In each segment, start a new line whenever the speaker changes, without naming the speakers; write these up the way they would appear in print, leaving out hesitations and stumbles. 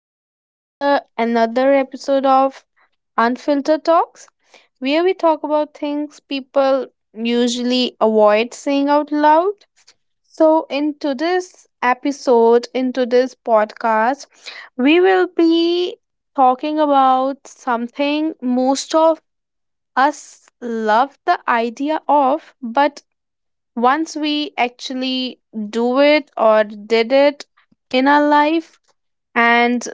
back to the another episode of Unfiltered Talks, where we talk about things people usually avoid saying out loud. In today's podcast, we will be talking about something most of us love the idea of, but once we actually do it or did it in our life, and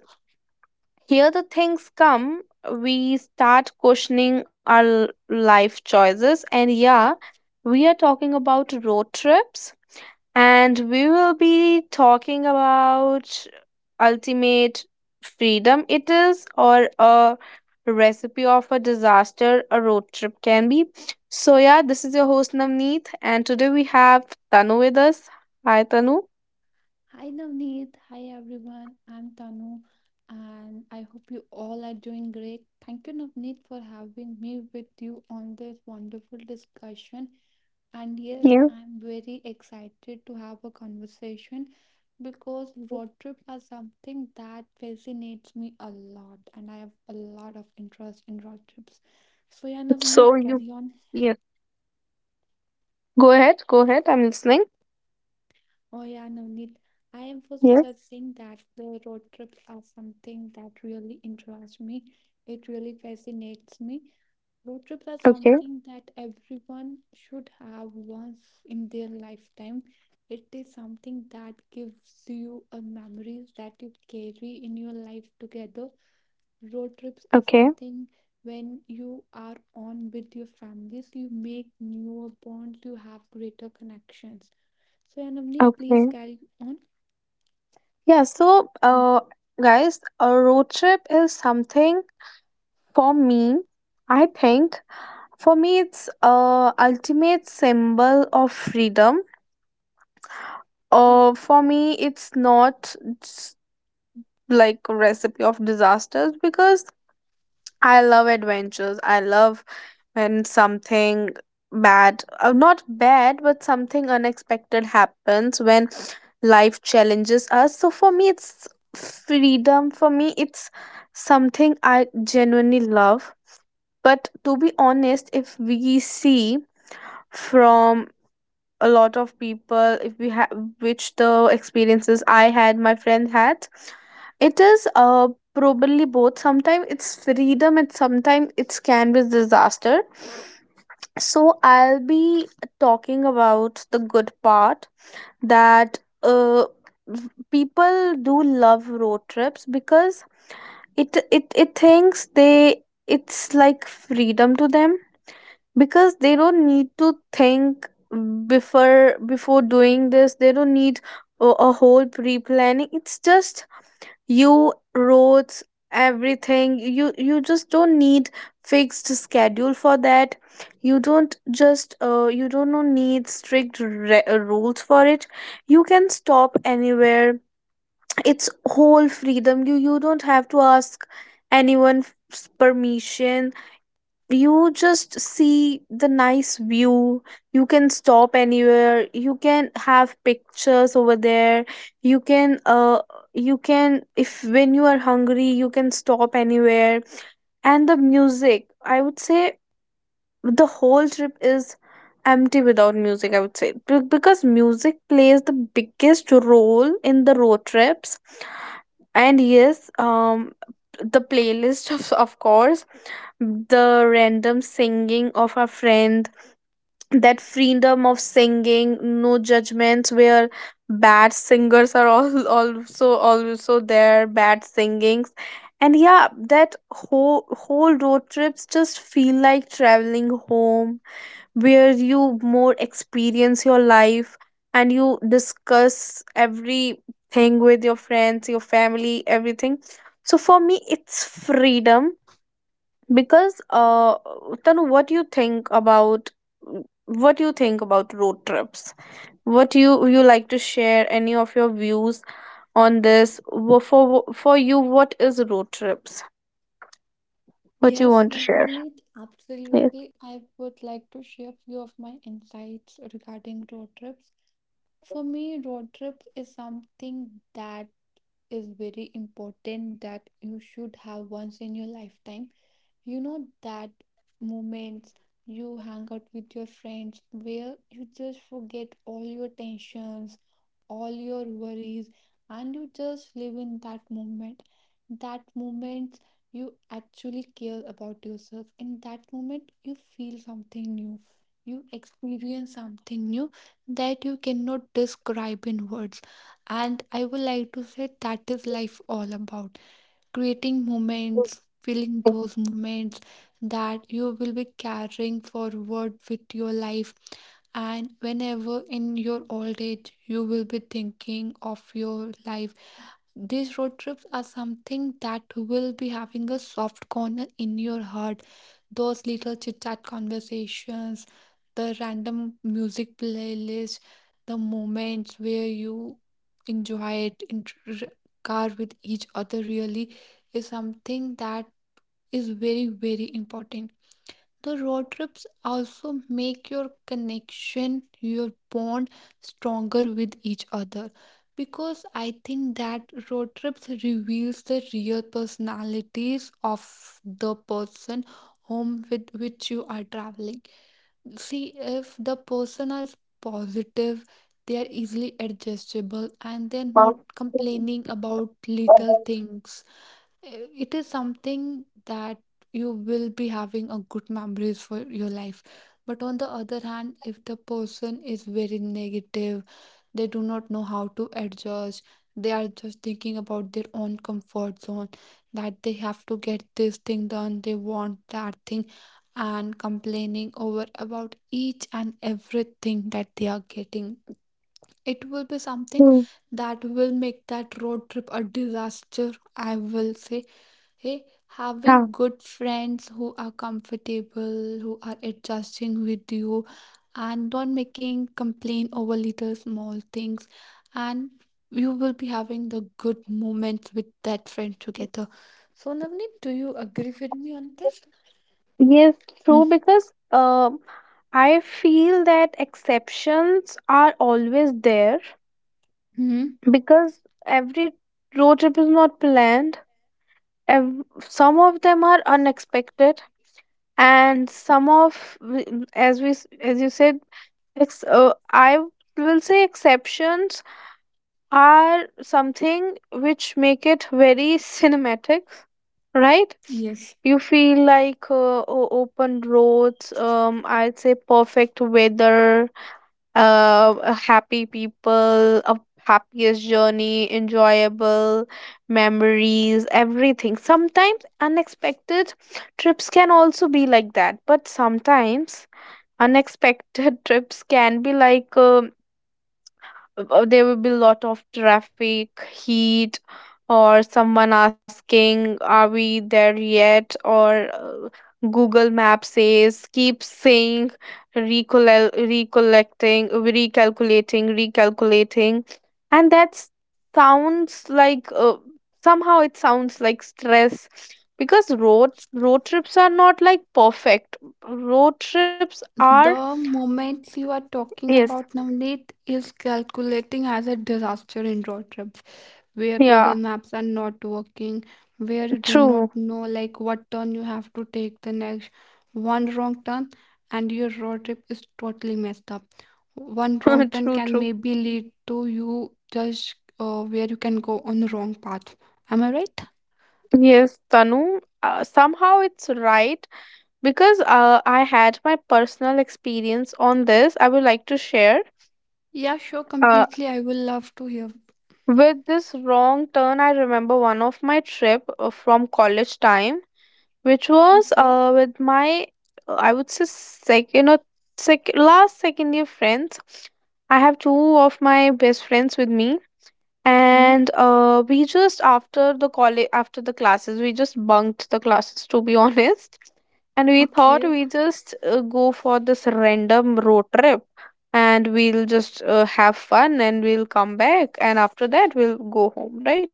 here, the things come, we start questioning our life choices. And yeah, we are talking about road trips, and we will be talking about ultimate freedom it is, or a recipe of a disaster a road trip can be. So, yeah, this is your host Navneet, and today we have Tanu with us. Hi, Tanu.
Hi Navneet, hi everyone. I'm Tanu and I hope you all are doing great. Thank you Navneet for having me with you on this wonderful discussion. And
Yeah.
yes, I'm very excited to have a conversation because road trip are something that fascinates me a lot and I have a lot of interest in road trips. So yeah,
So
Navneet,
you,
carry on.
yeah, Go ahead, go ahead. I'm listening.
Oh yeah, Navneet. I am was just saying that the road trips are something that really interests me. It really fascinates me. Road trips are
Okay.
something that everyone should have once in their lifetime. It is something that gives you a memories that you carry in your life together. Road trips are
Okay.
something when you are on with your families, you make newer bonds, you have greater connections, so yeah, Navneet, please
Okay.
carry on.
Yeah, so guys, a road trip is something for me, I think for me it's a ultimate symbol of freedom.
Mhm.
For me it's not s- like a recipe of disasters because I love adventures. I love when something not bad, but something unexpected happens when life challenges us. So for me, it's freedom. For me, it's something I genuinely love. But to be honest, if we see from a lot of people, if we have, which the experiences I had, my friend had, it is probably both. Sometimes it's freedom and sometimes it can be disaster. So I'll be talking about the good part that people do love road trips because it thinks they it's like freedom to them because they don't need to think before doing this. They don't need a whole pre-planning. It's just you roads everything you just don't need fixed schedule for that you don't just you don't no need strict rules for it you can stop anywhere it's whole freedom you don't have to ask anyone permission you just see the nice view you can stop anywhere you can have pictures over there you can uh you can if when you are hungry you can stop anywhere and the music I would say the whole trip is empty without music I would say because music plays the biggest role in the road trips. And yes, the playlist of course, the random singing of a friend, that freedom of singing, no judgments where bad singers are all also there bad singings. And yeah, that whole road trips just feel like traveling home where you more experience your life and you discuss everything with your friends your family everything. So for me it's freedom because Tanu, what do you think about road trips? What do you like to share any of your views on this? For you what is road trips, what you
Yes,
want to share?
Navneet,
Yes.
absolutely. I would like to share few of my insights regarding road trips. For me, road trips is something that is very important that you should have once in your lifetime. You know that moments you hang out with your friends where you just forget all your tensions, all your worries, and you just live in that moment. That moment you actually care about yourself. In that moment, you feel something new. You experience something new that you cannot describe in words. And I would like to say that is life all about, creating moments, feeling those moments that you will be carrying forward with your life. And whenever in your old age you will be thinking of your life, these road trips are something that will be having a soft corner in your heart. Those little chit chat conversations, the random music playlist, the moments where you enjoy it in car with each other really is something that is very, very important. The road trips also make your connection, your bond stronger with each other because I think that road trips reveals the real personalities of the person whom with which you are traveling. See, if the person is positive, they are easily adjustable and they're not complaining about little things. uh, It is something that you will be having a good memories for your life. But on the other hand, if the person is very negative, they do not know how to adjust, they are just thinking about their own comfort zone, that they have to get this thing done, they want that thing, and complaining over about each and everything that they are getting. It will be something
Hmm.
that will make that road trip a disaster, I will say. Hey, having good friends who are comfortable, who are adjusting with you, and not making complaint over little small things, and you will be having the good moments with that friend together. So, Navneet, do you agree with me on this?
Yes, true, because I feel that exceptions are always there
Hmm.
because every road trip is not planned. Some of them are unexpected, and some of, as you said, I will say exceptions are something which make it very cinematic, right?
Yes.
You feel like open roads, I'd say perfect weather, happy people, a happiest journey, enjoyable memories, everything. Sometimes unexpected trips can also be like that, but sometimes unexpected trips can be like. There will be a lot of traffic heat, or someone asking are we there yet, or uh, google map says keep saying recollecting recalculating, and that sounds like somehow it sounds like stress because road trips are not like perfect, road trips are
The moments you are talking
yes.
about, Navneet, is calculating as a disaster in road trip, where Google
Yeah,
Maps are not working, where you do
true.
not know like what turn you have to take the next. One wrong turn and your road trip is totally messed up. One wrong turn can
True.
maybe lead to you just where you can go on the wrong path. Am I right?
Yes, Tanu, somehow it's right because I had my personal experience on this. I would like to share.
Yeah, sure,
Uh,
completely. I will love to hear.
with this wrong turn, I remember one of my trip from college time, which was
Okay.
I would say second or sec last second year friends. I have two of my best friends with me
Hmm?
and we just after the college after the classes we just bunked the classes to be honest, and we thought
Okay.
we just go for this random road trip and we'll just have fun and we'll come back and after that we'll go home, right?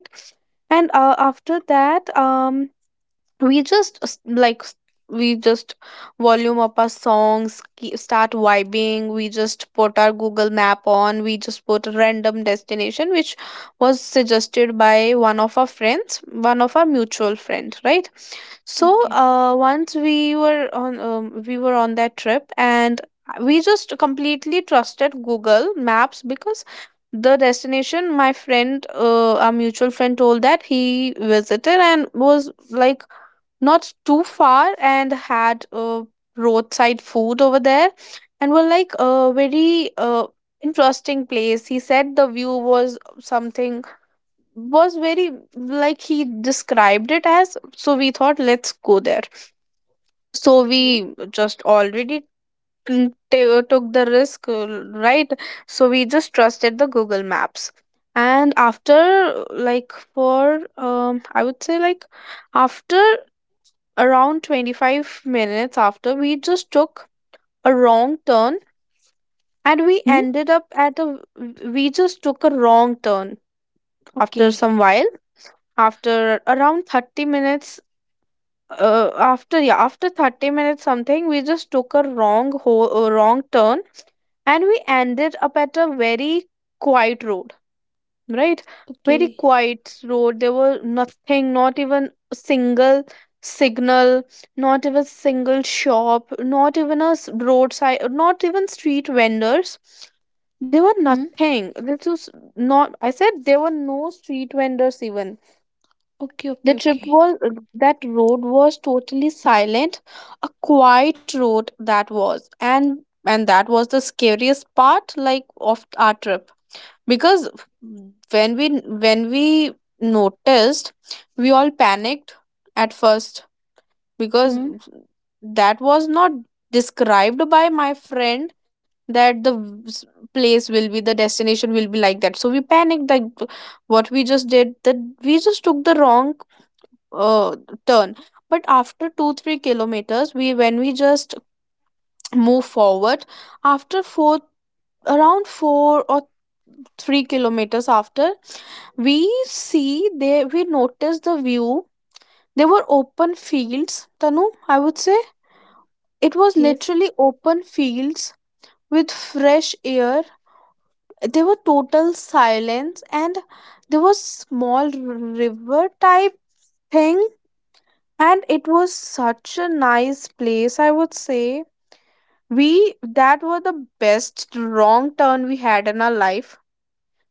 And after that we just s- like s- we just volume up our songs start vibing, we just put our google map on, we just put a random destination which was suggested by one of our friends, one of our mutual friend, right? So
Okay.
once we were on that trip and we just completely trusted google maps because the destination my friend, our mutual friend told that he visited and was like not too far and had roadside food over there and were like a very interesting place, he said the view was something was very like he described it as, so we thought let's go there. So
Okay.
we just already took the risk, right? So we just trusted the google maps, and after like for I would say like after around 25 minutes after we just took a wrong turn and we
Hmm?
ended up at a we just took a wrong turn after
Okay.
some while after around 30 minutes, after 30 minutes something we just took a wrong wrong turn and we ended up at a very quiet road, right? Very
Okay.
quiet road. There were nothing, not even a single signal, not even single shop, not even a roadside, not even street vendors. There were
Hmm?
nothing. This was not. I said there were no street vendors even.
Okay,
The
okay,
trip
okay.
was that road was totally silent, a quiet road that was, and that was the scariest part like of our trip because when we when we noticed we all panicked at first because
Hmm?
that was not described by my friend that place will be the destination will be like that, so we panicked that what we just did that we just took the wrong uh, turn. But after 2 3 kilometers we when we just move forward after 4 around 4 or 3 kilometers after we see they we noticed the view, there were open fields, Tanu, I would say it was
Yes.
literally open fields with fresh air, there were total silence and there was small river type thing and it was such a nice place I would say we that were the best wrong turn we had in our life.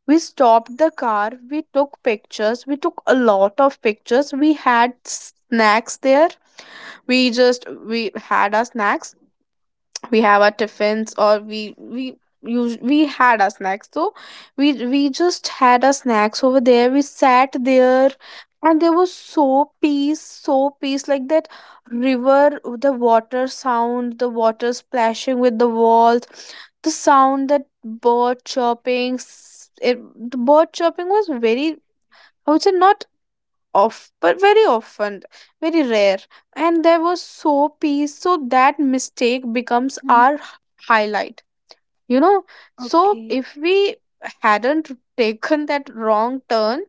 We stopped the car, we took pictures, we took a lot of pictures, we had snacks there, we just we had our snacks, we have our tiffins or we had our snacks, so we just had our snacks over there, we sat there, and there was so peace, so peace, like that river, the water sound, the water splashing with the walls, the sound that bird chirping the bird chirping was very I would say not off but very often, very rare, and there was so peace so that mistake becomes
Hmm?
our highlight, you know. So
Okay.
if we hadn't taken that wrong turn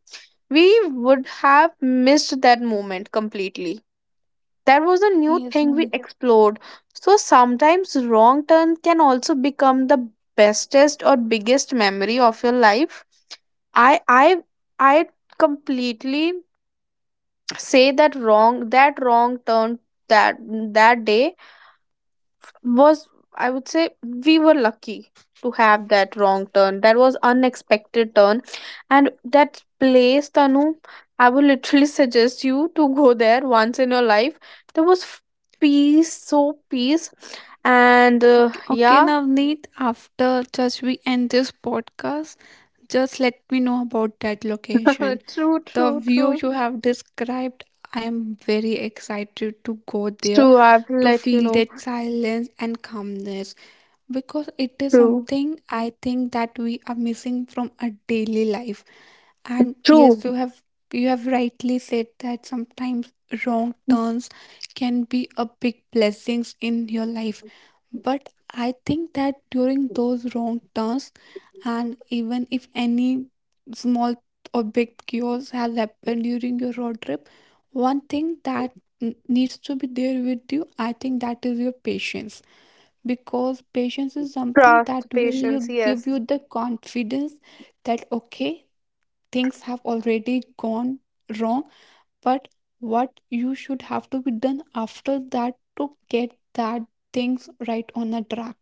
we would have missed that moment completely, that was a new
Yes,
thing we
Naveen.
explored. So sometimes wrong turn can also become the bestest or biggest memory of your life. I I I completely say that wrong turn, that that day was I would say we were lucky to have that wrong turn, that was unexpected turn. And that place Tanu, I would literally suggest you to go there once in your life, there was peace, so peace. And
Okay,
yeah.
Navneet, after just we end this podcast, just let me know about that location. The view
True.
you have described, I am very excited to go there
I've
to
let you
feel
know.
that silence and calmness because it is
true
something I think that we are missing from our daily life. And yes,
True,
you have, you have rightly said that sometimes wrong turns can be a big blessings in your life. But I think that during those wrong turns and even if any small or big chaos has happened during your road trip, one thing that needs to be there with you, I think that is your patience. Because patience is something that
trust,
will
patience,
you give you
yes.
the confidence that okay, things have already gone wrong, but what you should have to be done after that to get that things right on a track.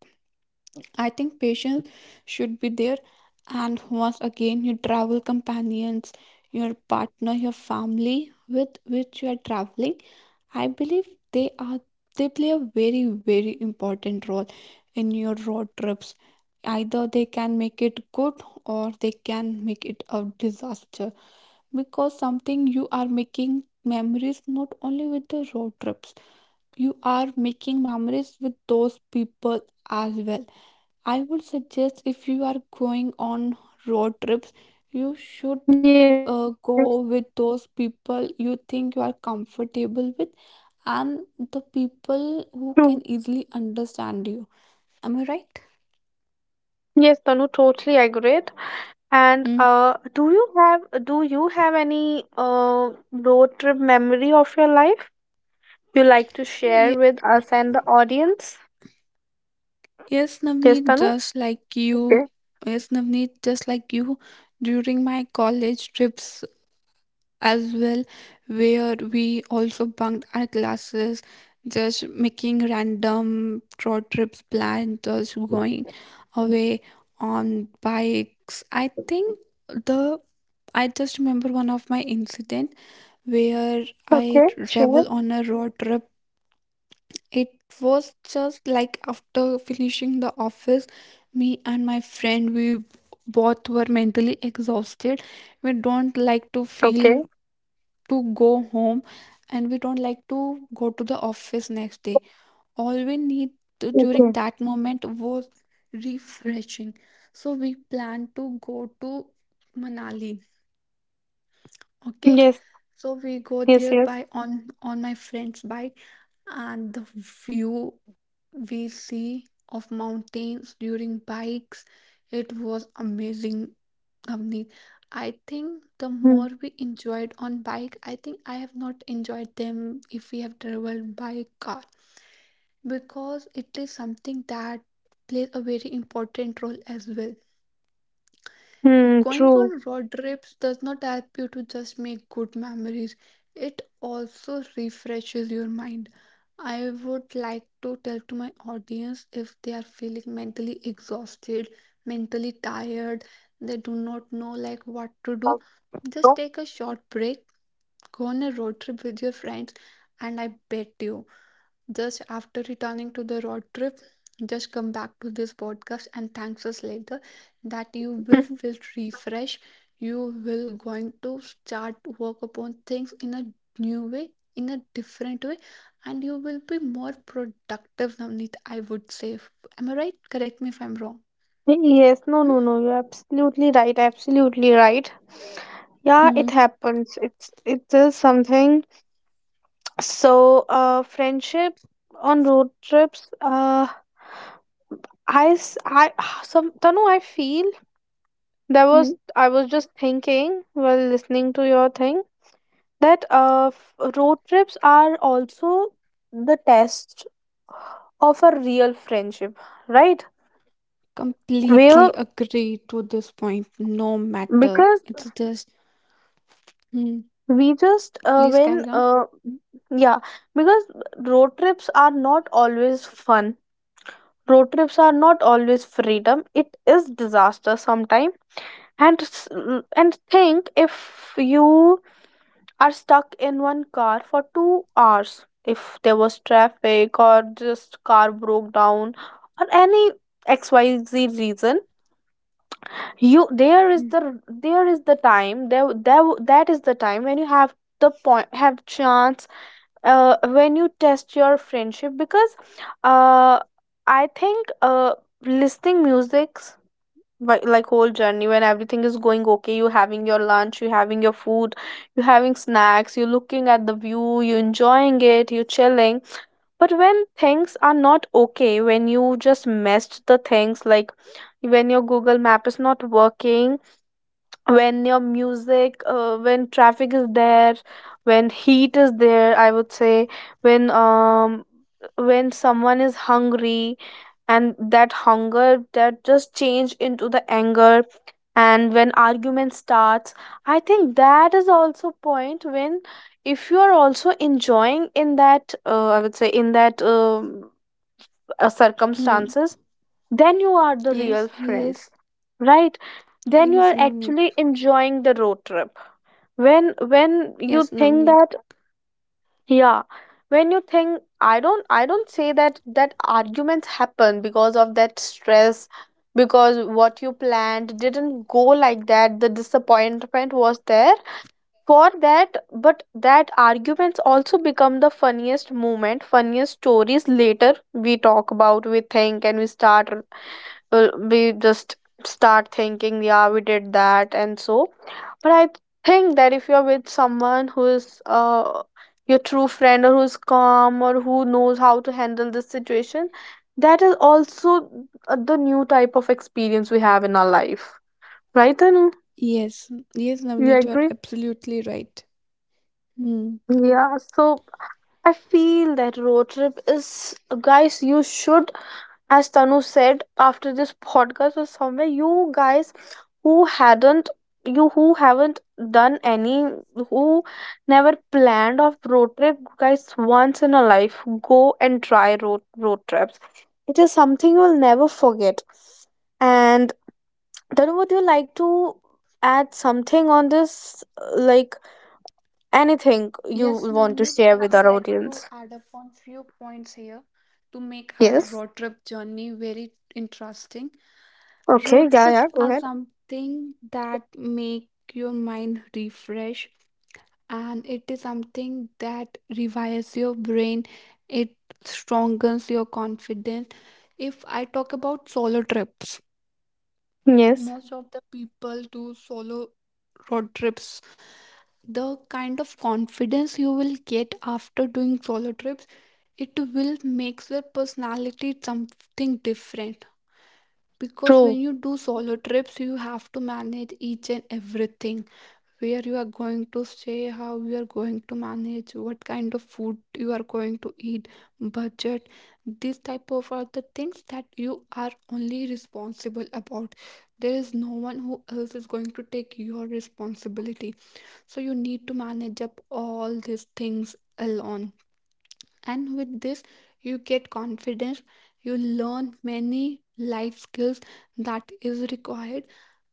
I think patience should be there. And once again, your travel companions, your partner, your family with which you are traveling, I believe they are, they play a very very important role in your road trips. Either they can make it good or they can make it a disaster because something you are making memories not only with the road trips, you are making memories with those people as well. I would suggest if you are going on road trips, you should
Yes,
go with those people you think you are comfortable with and the people
true.
who can easily understand you. Am I right?
Yes, Tanu, totally agreed. And
Mm.
do you have any road trip memory of your life you like to share
Ye-
with us and the audience?
yes,
Yes,
Navneet,
Tanu.
just like you.
Okay.
Yes, Navneet, just like you. During my college trips, as well, where we also bunked our classes, just making random road trips planned, just going away on bikes. I think the, I just remember one of my incident where I
Okay.
travel
Share.
on a road trip. It was just like after finishing the office, me and my friend we both were mentally exhausted, we don't like to
Okay.
feel to go home and we don't like to go to the office next day. All we need to,
Okay.
during that moment was refreshing, so we plan to go to Manali. Okay,
Yes.
so we go
Yes.
there by
Yes.
on my friend's bike and the view we see of mountains during bikes, it was amazing, Avneet. I think the
Hmm.
more we enjoyed on bike, I think I have not enjoyed them if we have traveled by car because it is something that plays a very important role as well.
Hmm.
Going
True.
on road trips does not help you to just make good memories, it also refreshes your mind. I would like to tell to my audience if they are feeling mentally exhausted, mentally tired, they do not know like what to do, just take a short break, go on a road trip with your friends and I bet you, just after returning to the road trip, just come back to this podcast and thanks us later that you
No.
will
Mhm.
feel refreshed. You will going to start work upon things in a new way, in a different way, and you will be more productive, Navneet, I would say. Am I right? Correct me if I'm wrong.
Yes. No.
Hmm?
No. No. You're absolutely right. Absolutely right. Yeah, it
Mhm.
happens. It's it is something. So, friendship on road trips, I, some, Tanu, I feel there was,
Mhm.
I was just thinking while listening to your thing that road trips are also the test of a real friendship, right? Where,
Completely agree to this point. No matter.
because
It's just. Hmm.
we just,
Please
when,
carry on.
yeah, because road trips are not always fun, road trips are not always freedom, it is disaster sometimes. and s- and think, if you are stuck in one car for 2 hours, if there was traffic or just car broke down or any xyz reason, you
Mhm.
there is the time there, that is the time when you have the point have chance, when you test your friendship. Because uh, I think listening music's like whole journey, when everything is going okay, you having your lunch, you having your food, you having snacks, you looking at the view, you enjoying it, you chilling. But when things are not okay, when you just messed the things, like when your Google map is not working, when your music when traffic is there, when heat is there, I would say, when um when someone is hungry, and that hunger that just change into the anger, and when argument starts, I think that is also point when, if you are also enjoying in that, I would say, in that
Mhm.
circumstances, then you are the real
Yes,
friends,
yes.
right? Then you are
Yes, Navneet.
actually enjoying the road trip. When you
Yes,
think
Navneet.
that, yeah, when you think, I don't, I don't say that that arguments happen because of that stress, because what you planned didn't go, like that the disappointment was there for that. But that arguments also become the funniest moment, funniest stories later. We talk about, we think and we start, will we just start thinking, yeah, we did that. And so, but I think that if you're with someone who is, your true friend, or who's calm, or who knows how to handle this situation, that is also, the new type of experience we have in our life, right, Tanu?
Yes, yes,
You
Navneet, you are
agree?
absolutely right. Hmm.
Yeah, so I feel that road trip is, guys, you should, as Tanu said, after this podcast or somewhere, you guys who hadn't, you who haven't done any, who never planned of road trip, guys, once in a life, go and try road trips. It is something you'll never forget. And then would you like to add something on this, like anything you
Yes,
want to
Navneet,
share
I
with
would
our
like to
audience?
add up on few points here to make our
Yes.
road trip journey very interesting.
Okay,
Road
yeah,
trips
yeah, go
are
ahead.
something that make your mind refresh and it is something that revives your brain. It strengthens your confidence. If I talk about solo trips,
Yes,
most of the people do solo road trips. The kind of confidence you will get after doing solo trips, it will make your personality something different. Because when
true,
you do solo trips, you have to manage each and everything, where you are going to stay, how you are going to manage, what kind of food you are going to eat, budget. These type of are the things that you are only responsible about. There is no one who else is going to take your responsibility. So you need to manage up all these things alone. And with this, you get confidence. You learn many life skills that is required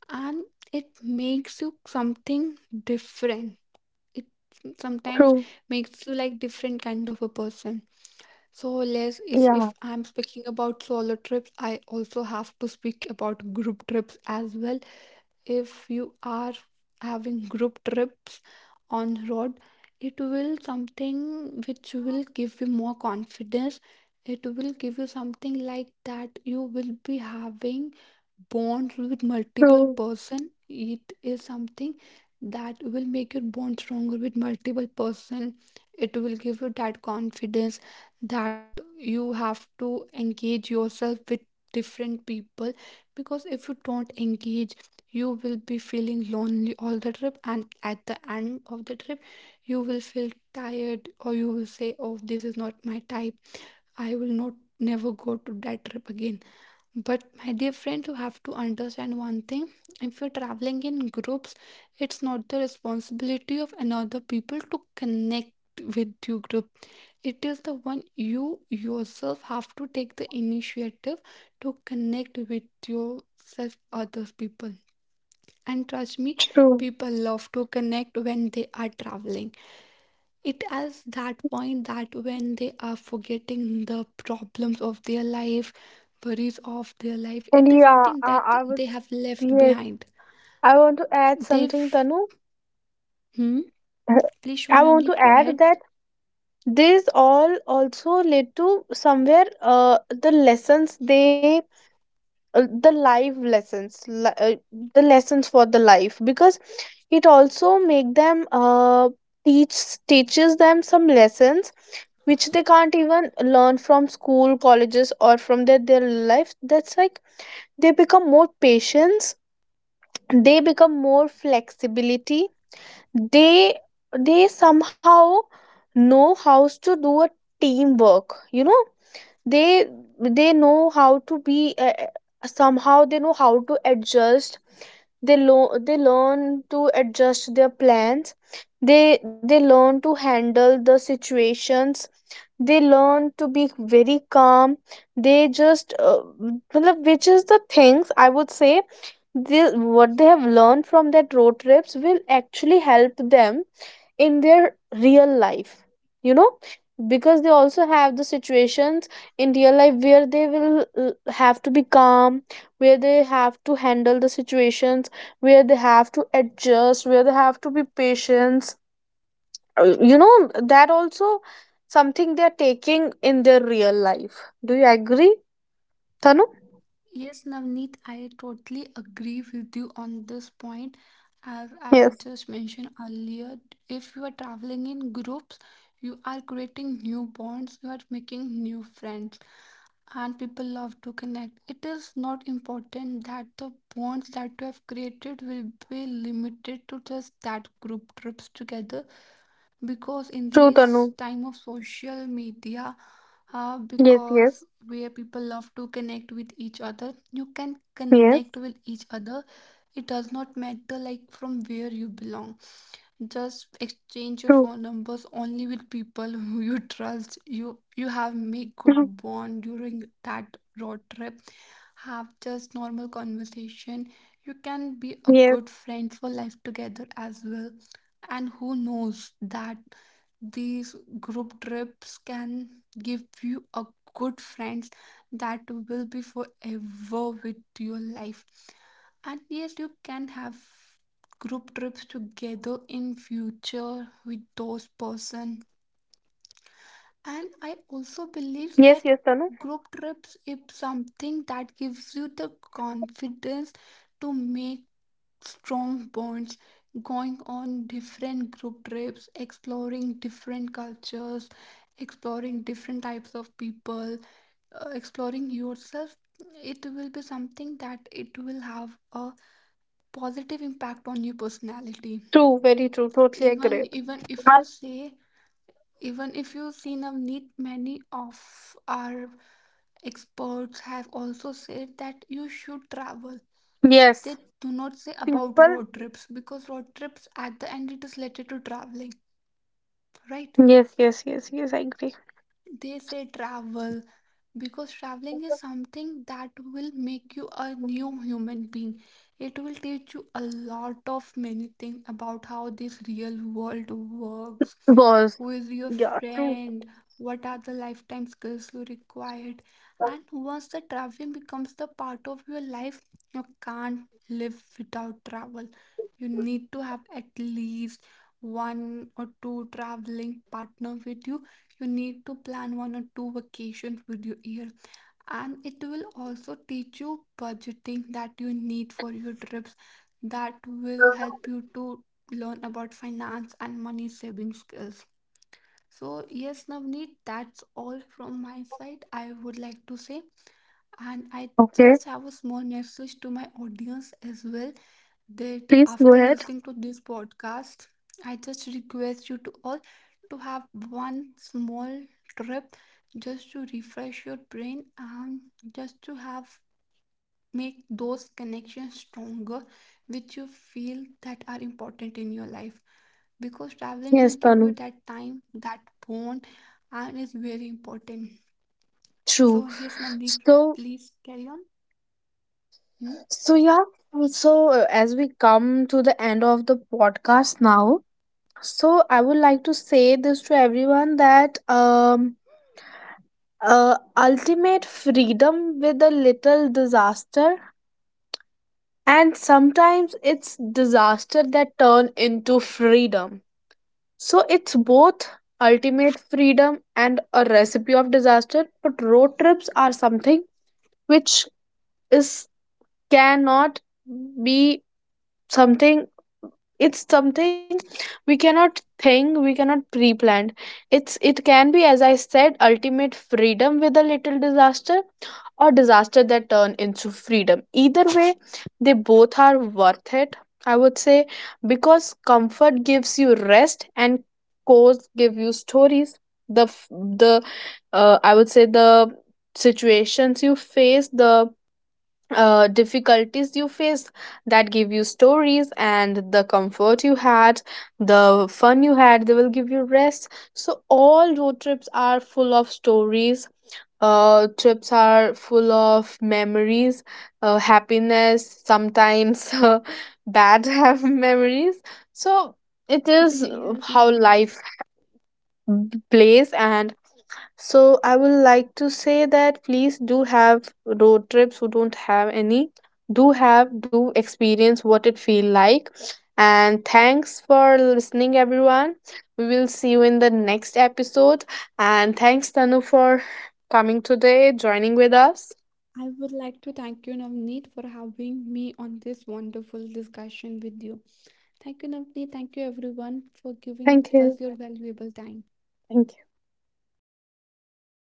and it makes you something different. It sometimes
true,
makes you like different kind of a person. So, less is,
yeah.
if I'm speaking about solo trips I also have to speak about group trips as well. If you are having group trips on road, it will something which will give you more confidence. It will give you something like that you will be having bonds with multiple
True,
person. It is something that will make your bond stronger with multiple person. It will give you that confidence that you have to engage yourself with different people, because if you don't engage you will be feeling lonely all the trip and at the end of the trip you will feel tired or you will say, oh this is not my type, I will not never go to that trip again. But my dear friend, you have to understand one thing, if you're traveling in groups, it's not the responsibility of another people to connect with your group. It is the one you yourself have to take the initiative to connect with yourself others people. And trust me,
true.
people love to connect when they are traveling. It is that point that when they are forgetting the problems of their life, worries of their life,
And
it is
yeah,
something
I,
that
I would,
they have left
yes,
behind.
I want to add
They've.
something, Tanu.
Hmm?
Uh,
Please, Shaw
I want to
Navneet, go
add
ahead.
that these all also lead to somewhere, the lessons they, the life lessons, the lessons for the life. Because it also make them, teach teaches them some lessons which they can't even learn from school, colleges, or from their life. That's like, they become more patient, they become more flexibility, they they somehow know how to do a teamwork, you know. they they know how to be, somehow they know how to adjust. They they learn to adjust their plans, they learn to handle the situations, they learn to be very calm. They just, matlab, which is the things I would say, they, what they have learned from that road trips will actually help them in their real life, you know. Because they also have the situations in real life where they will, have to be calm, where they have to handle the situations, where they have to adjust, where they have to be patient. You know, that also something they are taking in their real life. Do you agree, Tanu?
Yes, Navneet, I totally agree with you on this point. As I
Yes,
have just mentioned earlier, if you are traveling in groups, you are creating new bonds, you are making new friends and people love to connect. It is not important that the bonds that you have created will be limited to just that group trips together because in
true, Tanu.
this time of social media,
Yes, yes,
because where people love to connect with each other, you can
yes,
connect with each other. It does not matter like from where you belong, just exchange your
true.
phone numbers only with people who you trust, you have made good bond during that road trip, have just normal conversation, you can be a
Yes.
good friend for life together as well. And who knows that these group trips can give you a good friends that will be forever with your life. And yes, you can have group trips together in future with those person. And I also believe
Yes,
that
yes, Tanu.
group trips is something that gives you the confidence to make strong bonds, going on different group trips, exploring different cultures, exploring different types of people, exploring yourself. It will be something that it will have a positive impact on your personality.
True, very true. Totally
Even
agree.
even if you
Yes.
say, even if you seen a need, many of our experts have also said that you should travel. They
Yes.
do not say
People.
about road trips because road trips at the end it is related to traveling, right?
Yes, yes, yes, yes, I agree.
They say travel because traveling is something that will make you a new human being. It will teach you a lot of many things about how this real world works.
Was.
Who is your
Yeah, true.
friend? What are the lifetime skills you required? And once the traveling becomes the part of your life, you can't live without travel. You need to have at least one or two traveling partner with you, you need to plan one or two vacations with your year, and it will also teach you budgeting that you need for your trips, that will help you to learn about finance and money saving skills. So, yes, Navneet, that's all from my side, I would like to say. And I just
Okay.
have a small message to my audience as well, that
Please
after
go ahead.
listening to this podcast, I just request you to all to have one small trip just to refresh your brain and just to have, make those connections stronger which you feel that are important in your life, because traveling will
Yes,
give you
Tanu.
that time, that bond, and is very important. So,
True.
here's Navneet,
So,
please carry on. Hmm?
so yeah. So, as we come to the end of the podcast now, so I would like to say this to everyone that ultimate freedom with a little disaster, and sometimes it's disaster that turn into freedom. So it's both, ultimate freedom and a recipe of disaster. But road trips are something which is cannot be something it's something we cannot think, we cannot pre-plan. It can be, as I said, ultimate freedom with a little disaster, or disaster that turn into freedom. Either way, they both are worth it, I would say. Because comfort gives you rest, and course give you stories. The f- the I would say the situations you face, the, difficulties you faced, that give you stories. And the comfort you had, the fun you had, they will give you rest. So all road trips are full of stories, trips are full of memories, happiness sometimes, bad have memories. So it is,
Yes,
how
Navneet.
life plays. And so I would like to say that please do have road trips who don't have any. Do have, do experience what it feel like. And thanks for listening everyone. We will see you in the next episode. And thanks Tanu for coming today, joining with us.
I would like to thank you, Navneet, for having me on this wonderful discussion with you. Thank you, Navneet. Thank you, everyone, for giving
Thank
us
you.
your valuable time.
Thank you.